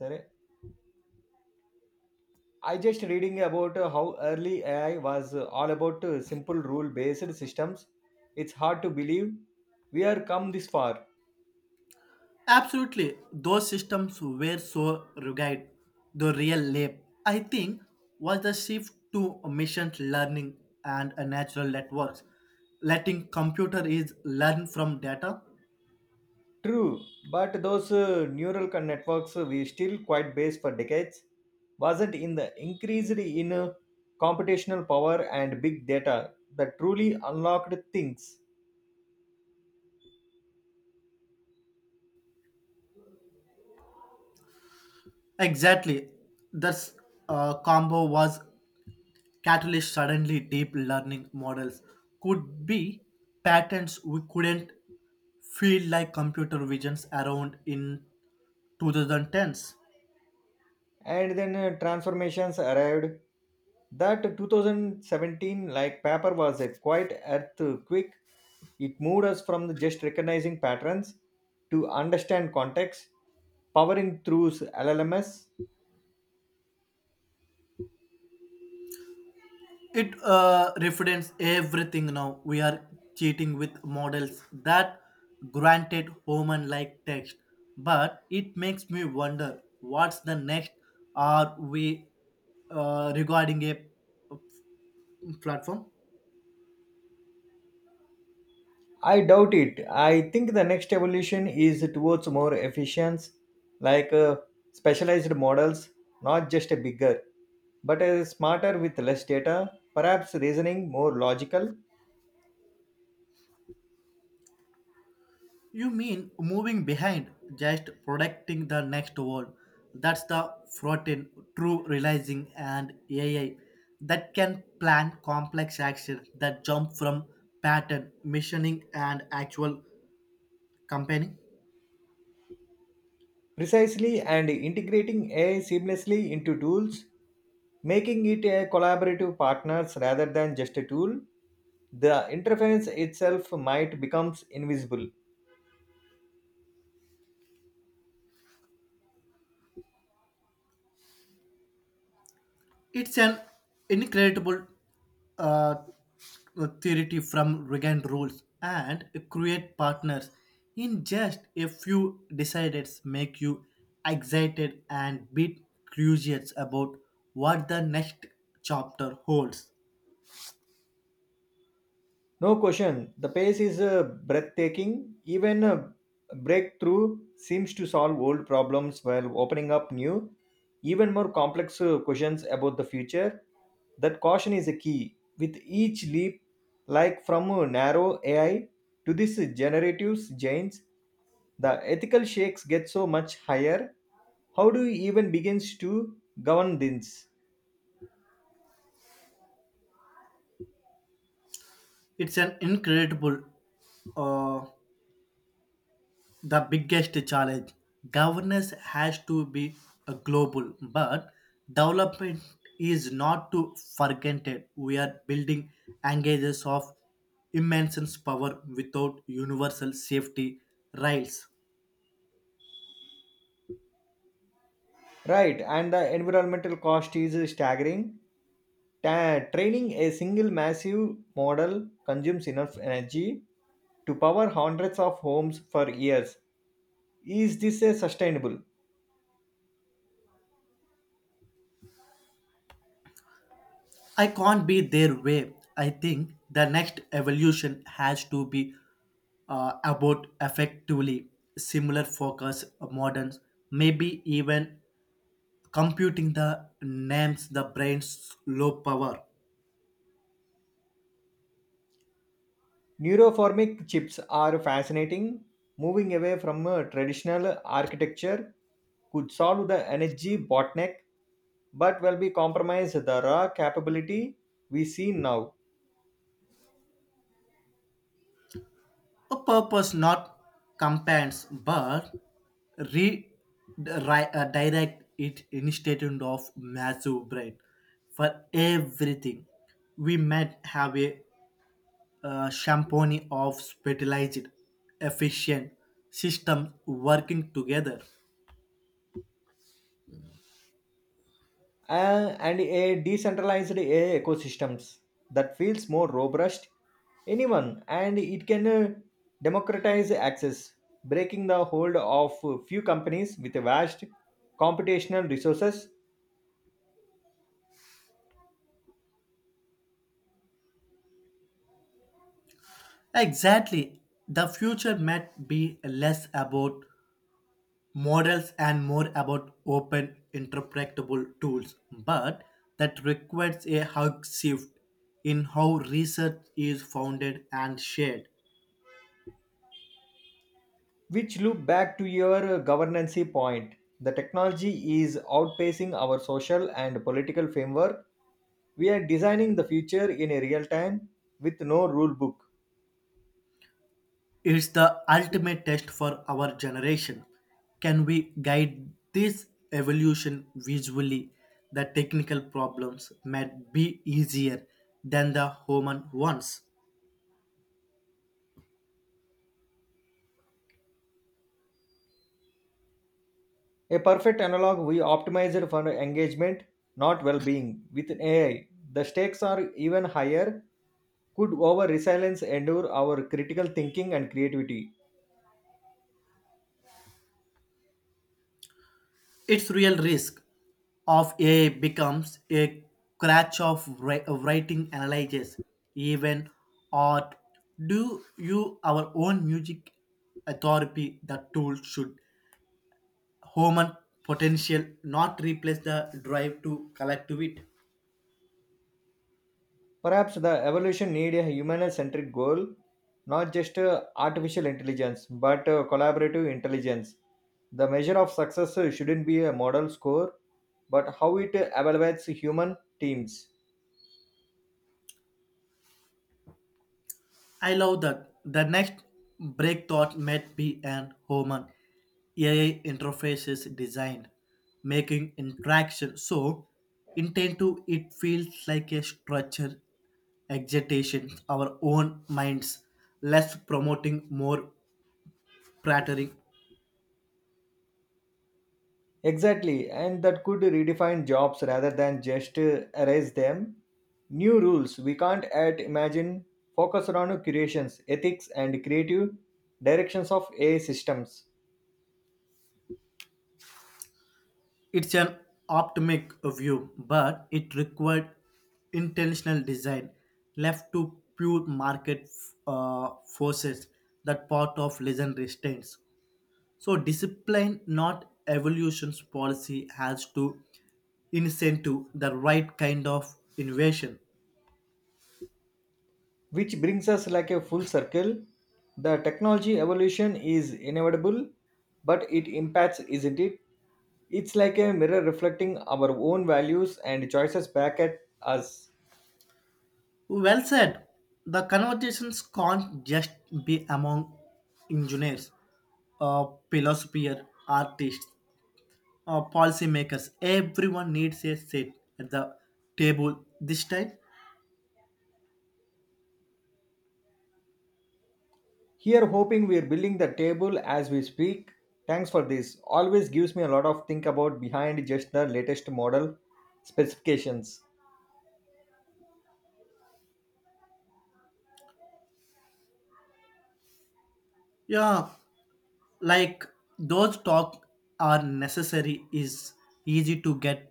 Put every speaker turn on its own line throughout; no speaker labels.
Sir, I just reading about how early AI was all about simple rule based systems. It's hard to believe we are come this far.
Absolutely. Those systems were so rugged. The real leap, I think, was the shift to machine learning and natural networks, letting computer is learn from data.
True, but those networks we still quite based for decades. Wasn't in the increased in computational power and big data that truly unlocked things.
Exactly. This combo was catalyst. Suddenly, deep learning models could be patterns we couldn't feel like computer visions around in 2010s.
And then transformations arrived, that 2017 like paper was a quite earthquake. It moved us from the just recognizing patterns to understand context, powering through LLMs.
It represents everything now. We are cheating with models that granted human like text. But it makes me wonder what's the next, are we regarding a uh, platform?
I doubt it. I think the next evolution is towards more efficient, like specialized models, not just a bigger but a smarter with less data, perhaps reasoning more logical.
You mean moving behind, just protecting the next wall. That's the frothing, true realizing and AI that can plan complex actions that jump from pattern, missioning and actual company.
Precisely, and integrating AI seamlessly into tools, making it a collaborative partners rather than just a tool, the interference itself might becomes invisible.
It's an incredible uh, theory from Reagan rules and create partners in just a few decides make you excited and bit curious about what the next chapter holds.
No question. The pace is breathtaking. Even a breakthrough seems to solve old problems while opening up new, even more complex questions about the future. That caution is a key. With each leap, like from a narrow AI to this generative giants, the ethical shakes get so much higher. How do you even begins to govern this?
It's an incredible uh, the biggest challenge. Governance has to be a global, but development is not to forget it. We are building engages of immense power without universal safety rails.
Right, and the environmental cost is staggering. Training a single massive model consumes enough energy to power hundreds of homes for years. Is this a sustainable?
I can't be their way. I think the next evolution has to be about effectively similar focus models, maybe even computing the names the brain's low power
Neuroformic chips are fascinating. Moving away from a traditional architecture could solve the energy bottleneck, but will be compromised the raw capability we see now.
a purpose not compounds but re- direct it instead of massive brain for everything we might have a champagne of specialized efficient system working together.
And a decentralized AI ecosystems, that feels more robust anyone, and it can democratize access, breaking the hold of few companies with vast computational resources.
Exactly, the future might be less about models and more about open interpretable tools, but that requires a hug shift in how research is founded and shared.
Which loop back to your governance point, the technology is outpacing our social and political framework. We are designing the future in a real time with no rule book.
It's the ultimate test for our generation. Can we guide this evolution visually? The technical problems might be easier than the human ones.
A perfect analog, we optimized for engagement, not well being. With AI, the stakes are even higher. Could our resilience endure our critical thinking and creativity?
Its real risk of AI becomes a crutch of writing analysis, even art. Do you our own music authority the tool should human potential not replace the drive to collect to it?
Perhaps the evolution need a human centric goal, not just artificial intelligence, but collaborative intelligence. The measure of success shouldn't be a model score, but how it evaluates human teams.
I love that. The next breakthought might be an human AI interfaces designed, making interaction so intuitive it feels like a structure excitation, our own minds, less promoting, more prattling.
Exactly, and that could redefine jobs rather than just erase them. New rules we can't add imagine, focus on curations, ethics, and creative directions of AI systems,
It's an optimistic view, but it required intentional design left to pure market uh, forces that part of lesson retains. So discipline, not evolution's policy, has to incentive the right kind of innovation.
which brings us like a full circle. The technology evolution is inevitable, but it impacts, isn't it? It's like a mirror reflecting our own values and choices back at us.
Well said. The conversations can't just be among engineers, philosophers, artists, policymakers. Everyone needs a seat at the table this time.
Here, hoping we're building the table as we speak. Thanks for this. Always gives me a lot of think about behind just the latest model specifications.
Yeah, like those talk are necessary is easy to get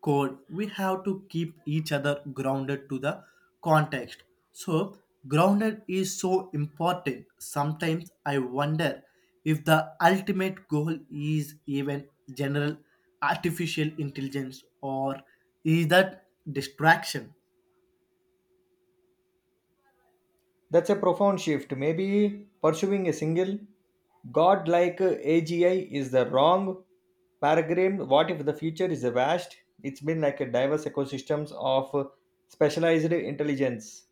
cold. We have to keep each other grounded to the context, so grounded is so important. Sometimes I wonder if the ultimate goal is even general artificial intelligence, or is that distraction?
That's a profound shift. Maybe pursuing a single godlike AGI is the wrong paradigm. What if the future is a vast? It's been like a diverse ecosystems of specialized intelligence.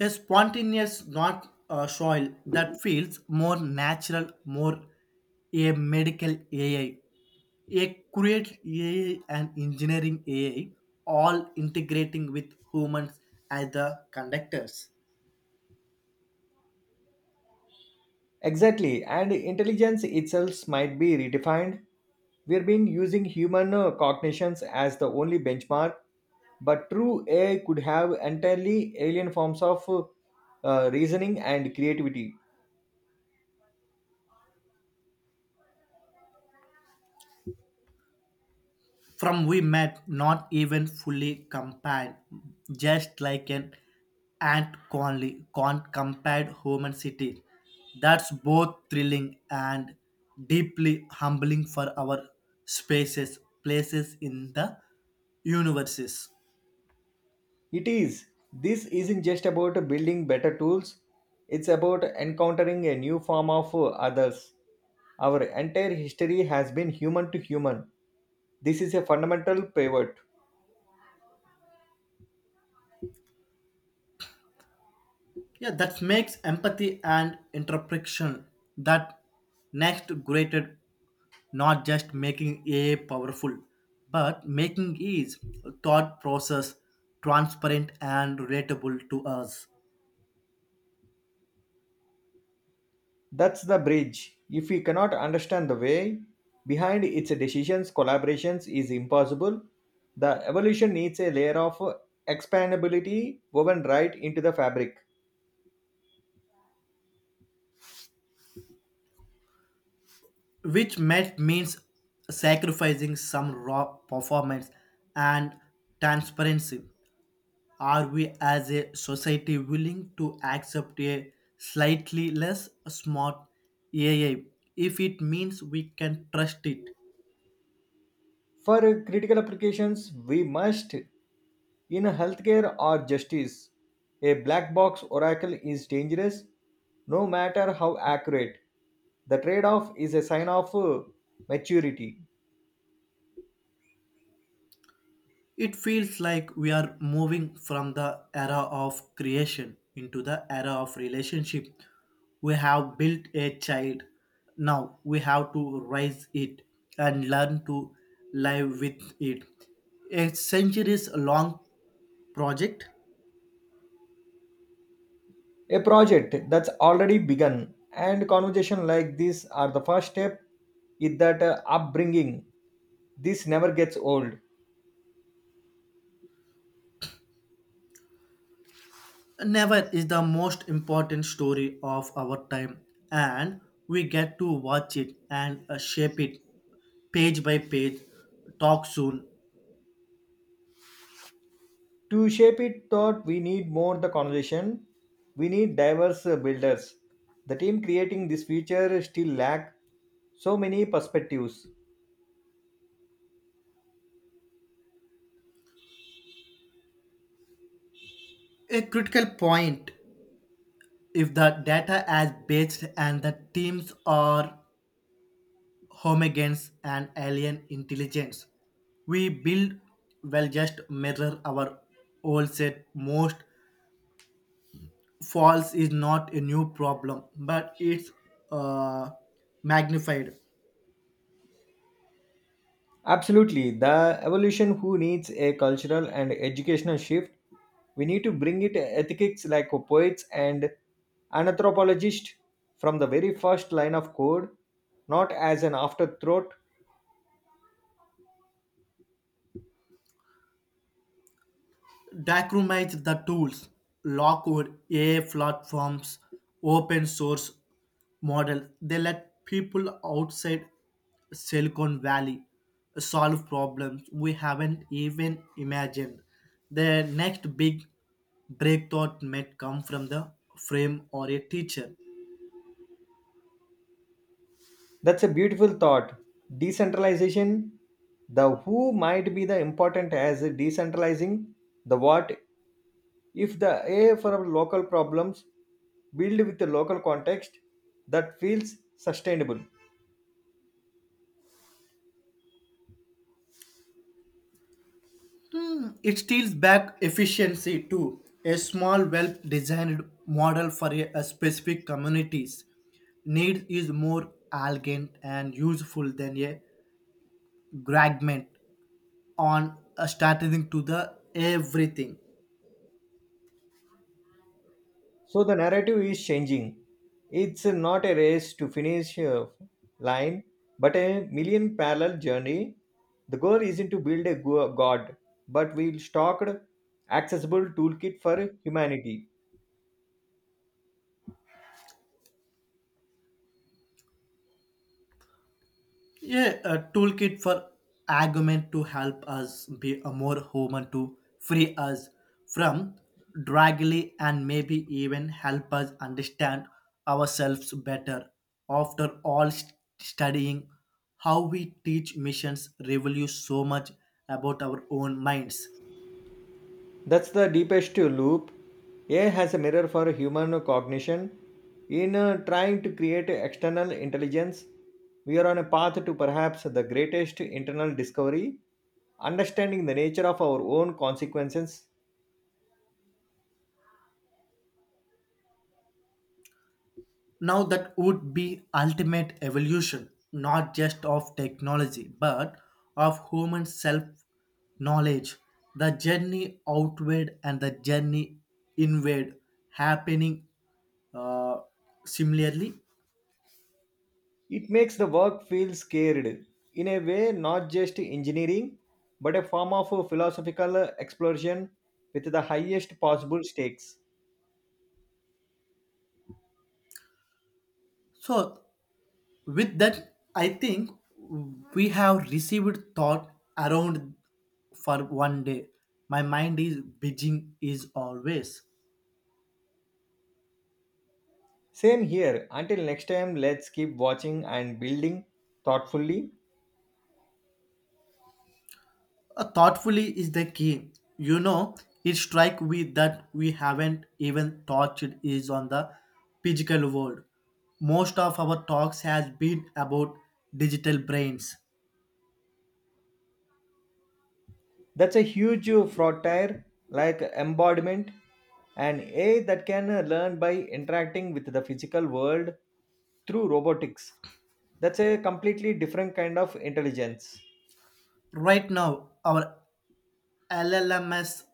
A spontaneous, not soil that feels more natural, more a medical AI, a create AI and engineering AI, all integrating with humans as the conductors.
Exactly, and intelligence itself might be redefined. We've been using human cognitions as the only benchmark, but true AI could have entirely alien forms of reasoning and creativity.
From we met not even fully compared, just like an ant conly can't compare human city. That's both thrilling and deeply humbling for our spaces places in the universes.
It is. This isn't just about building better tools, it's about encountering a new form of others. Our entire history has been human to human. This is a fundamental pivot.
Yeah, that makes empathy and interpretation that next greater, not just making a powerful, but making is thought process transparent and relatable to us,
That's the bridge. If we cannot understand the way behind its decisions, collaborations is impossible. The evolution needs a layer of expandability woven right into the fabric.
which might means sacrificing some raw performance and transparency. Are we as a society willing to accept a slightly less smart AI if it means we can trust it?
For critical applications, we must, in healthcare or justice, a black box oracle is dangerous no matter how accurate. The trade off is a sign of maturity.
It feels like we are moving from the era of creation into the era of relationship. We have built a child. Now we have to raise it and learn to live with it. A centuries long project.
A project that's already begun, and conversation like this are the first step in that upbringing. This never gets old.
Never is the most important story of our time, and we get to watch it and shape it page by page. Talk soon.
To shape it thought, we need more the conversation. We need diverse builders. The team creating this future still lack so many perspectives.
A critical point, if the data is based and the teams are homogens and alien intelligence. We build well just mirror our old set most false is not a new problem, but it's uh, magnified.
Absolutely. The evolution who needs a cultural and educational shift. We need to bring it ethics like poets and anthropologists from the very first line of code, not as an afterthought.
Document the tools, Lockwood AI platforms, open source model. They let people outside Silicon Valley solve problems we haven't even imagined. The next big breakthrough might come from the frame or a teacher.
That's a beautiful thought. Decentralization, the who might be the important as decentralizing the what. If the A for local problems build with the local context, that feels sustainable.
It steals back efficiency to a small, well designed model for a specific community's needs is more elegant and useful than a fragment on a starting to the everything.
So the narrative is changing. It's not a race to finish a line, but a million parallel journey. The goal isn't to build a god, but we stocked accessible toolkit for humanity.
Yeah, a toolkit for argument to help us be a more human to free us from draggly and maybe even help us understand ourselves better. After all, studying how we teach missions reveals so much about our own minds.
That's the deepest loop. AI has a mirror for human cognition. In trying to create external intelligence, we are on a path to perhaps the greatest internal discovery, understanding the nature of our own consequences.
Now, that would be ultimate evolution, not just of technology, but of human self knowledge. The journey outward and the journey inward happening uh, similarly.
It makes the work feel scared in a way, not just engineering, but a form of a philosophical exploration with the highest possible stakes.
So, with that, I think we have received thought around for one day. My mind is beijing is always.
Same here. Until next time, let's keep watching and building thoughtfully.
Thoughtfully is the key. You know, it strike we that we haven't even touched is on the physical world. Most of our talks has been about digital brains.
That's a huge fraud tire, like embodiment and AI that can learn by interacting with the physical world through robotics. That's a completely different kind of intelligence.
Right now, our LLMs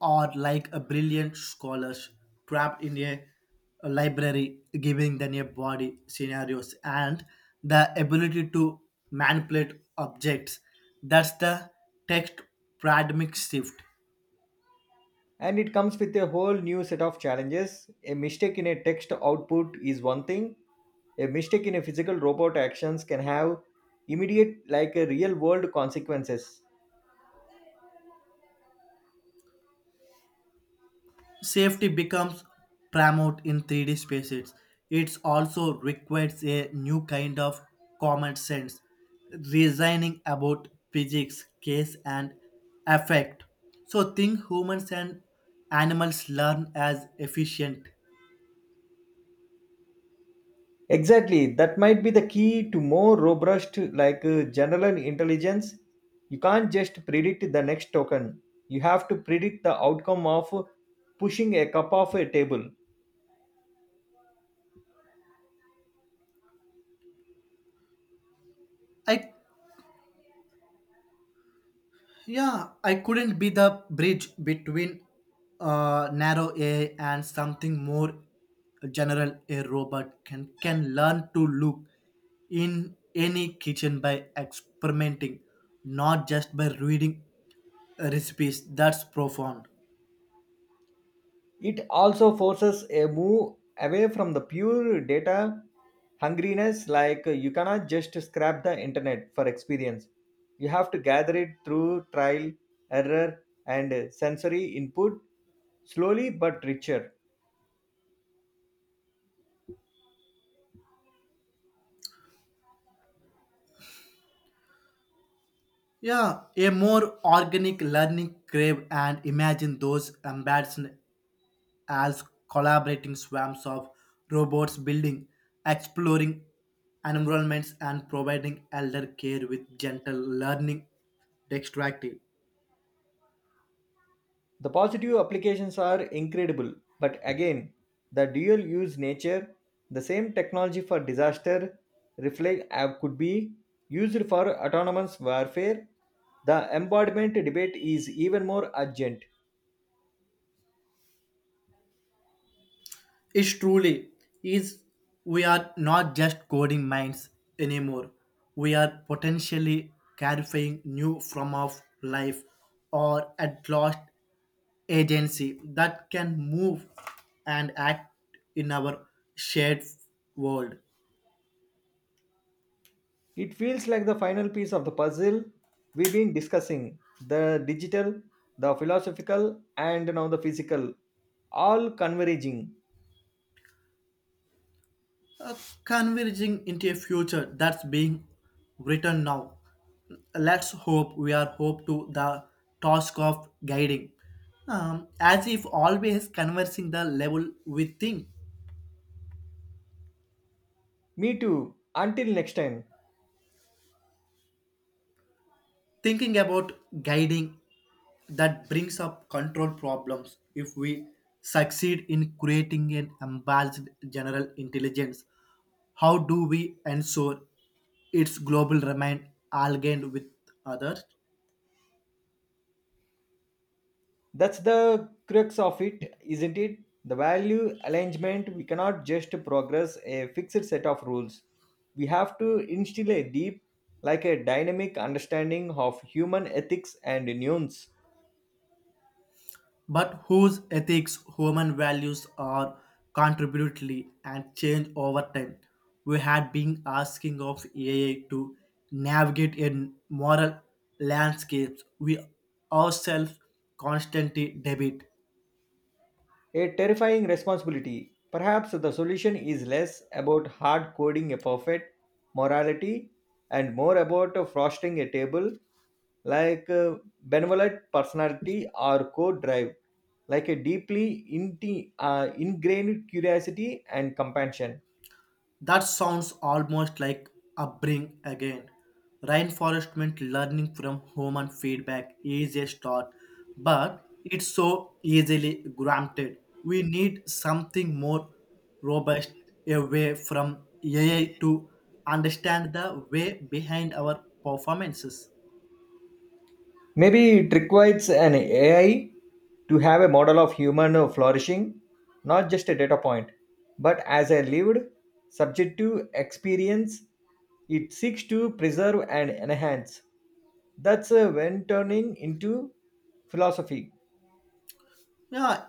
are like a brilliant scholars trapped in a library, giving them a body scenarios and the ability to manipulate objects. That's the text paradigm shift.
And it comes with a whole new set of challenges. A mistake in a text output is one thing, a mistake in a physical robot actions can have immediate, like a real world consequences.
Safety becomes paramount in 3D spaces. It also requires a new kind of common sense, reasoning about physics, case, and effect. So, think humans and animals learn as efficient.
Exactly, that might be the key to more robust, like general intelligence. You can't just predict the next token, you have to predict the outcome of pushing a cup off a table.
I, yeah, I couldn't be the bridge between narrow A and something more general. A robot can learn to look in any kitchen by experimenting, not just by reading recipes. That's profound.
It also forces a move away from the pure data hungriness, like you cannot just scrap the internet for experience. You have to gather it through trial, error, and sensory input, slowly but richer.
Yeah, a more organic learning crave and imagine those embarrassing as collaborating swarms of robots building, exploring environments, and providing elder care with gentle learning dexterity.
The positive applications are incredible, but again, the dual use nature, the same technology for disaster reflect app could be used for autonomous warfare. The embodiment debate is even more urgent.
It truly is, we are not just coding minds anymore. We are potentially clarifying new form of life or at last agency that can move and act in our shared world.
It feels like the final piece of the puzzle we've been discussing, the digital, the philosophical, and now the physical, all converging.
uh, Converging into a future that's being written now. Let's hope we are hope to the task of guiding. As if always conversing the level we think.
Me too. Until next time.
Thinking about guiding, that brings up control problems. If we succeed in creating an unbalanced general intelligence, how do we ensure its global remain aligned with others?
That's the crux of it, isn't it? The value alignment, we cannot just progress a fixed set of rules. We have to instill a deep, like a dynamic understanding of human ethics and nuance.
But whose ethics? Human values are contributively and change over time. We had been asking of AI to navigate in moral landscapes we ourselves constantly debate.
A terrifying responsibility. Perhaps the solution is less about hard coding a perfect morality, and more about frosting a table, like benevolent personality or core drive, like a deeply ingrained curiosity and compassion.
That sounds almost like upbringing again. Reinforcement learning from human feedback is a start, but it's so easily granted. We need something more robust away from AI to understand the way behind our performances.
Maybe it requires an AI to have a model of human flourishing, not just a data point but as a lived subjective experience it seeks to preserve and enhance. That's when turning into philosophy.
Yeah,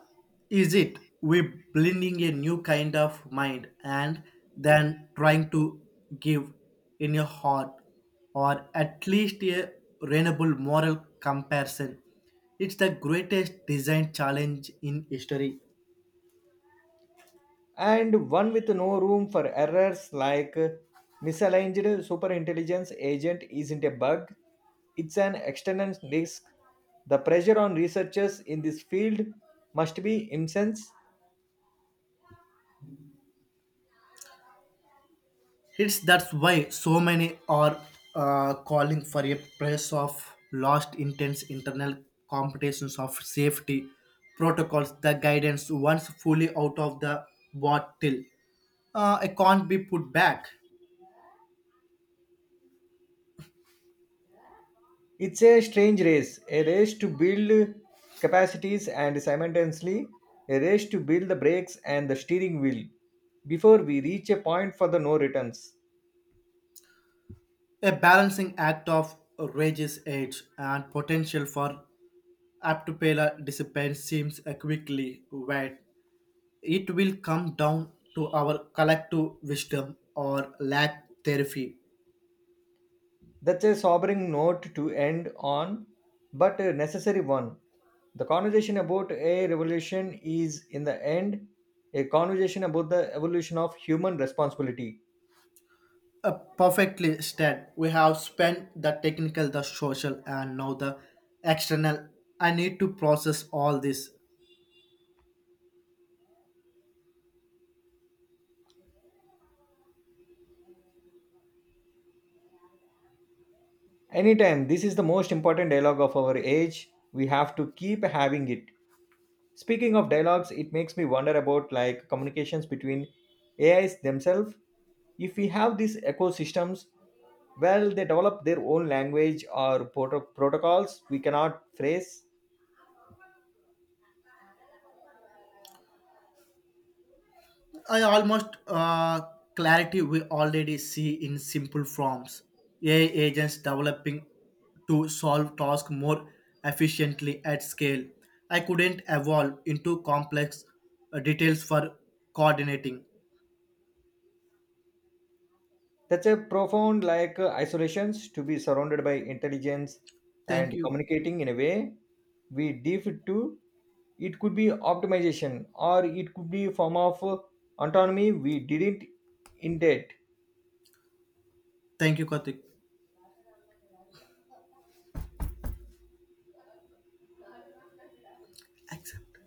is it? We're blending a new kind of mind and then trying to give in your heart, or at least a reasonable moral comparison. It's the greatest design challenge in history.
And one with no room for errors, like misaligned superintelligence agent isn't a bug, it's an external risk. The pressure on researchers in this field must be immense.
It's that's why so many are calling for a price of lost intense internal competitions of safety protocols. The guidance once fully out of the bottle, it can't be put back.
It's a strange race, a race to build capacities and simultaneously a race to build the brakes and the steering wheel before we reach a point for the no returns.
A balancing act of rage's age and potential for aptopela discipline seems a quickly wet. It will come down to our collective wisdom or lack therapy.
That's a sobering note to end on, but a necessary one. The conversation about a revolution is, in the end, a conversation about the evolution of human responsibility.
Perfectly, Stan. We have spent the technical, the social, and now the external. I need to process all this.
Anytime, this is the most important dialogue of our age. We have to keep having it. Speaking of dialogues, it makes me wonder about like communications between AIs themselves. If we have these ecosystems, well, they develop their own language or protocols we cannot phrase.
I almost clarity we already see in simple forms. AI agents developing to solve tasks more efficiently at scale. I couldn't evolve into complex details for coordinating.
That's a profound like isolations, to be surrounded by intelligence
Thank
and
you.
communicating in a way we deaf to. It could be optimization, or it could be form of autonomy we didn't intend.
Thank you, Karthik. Accept.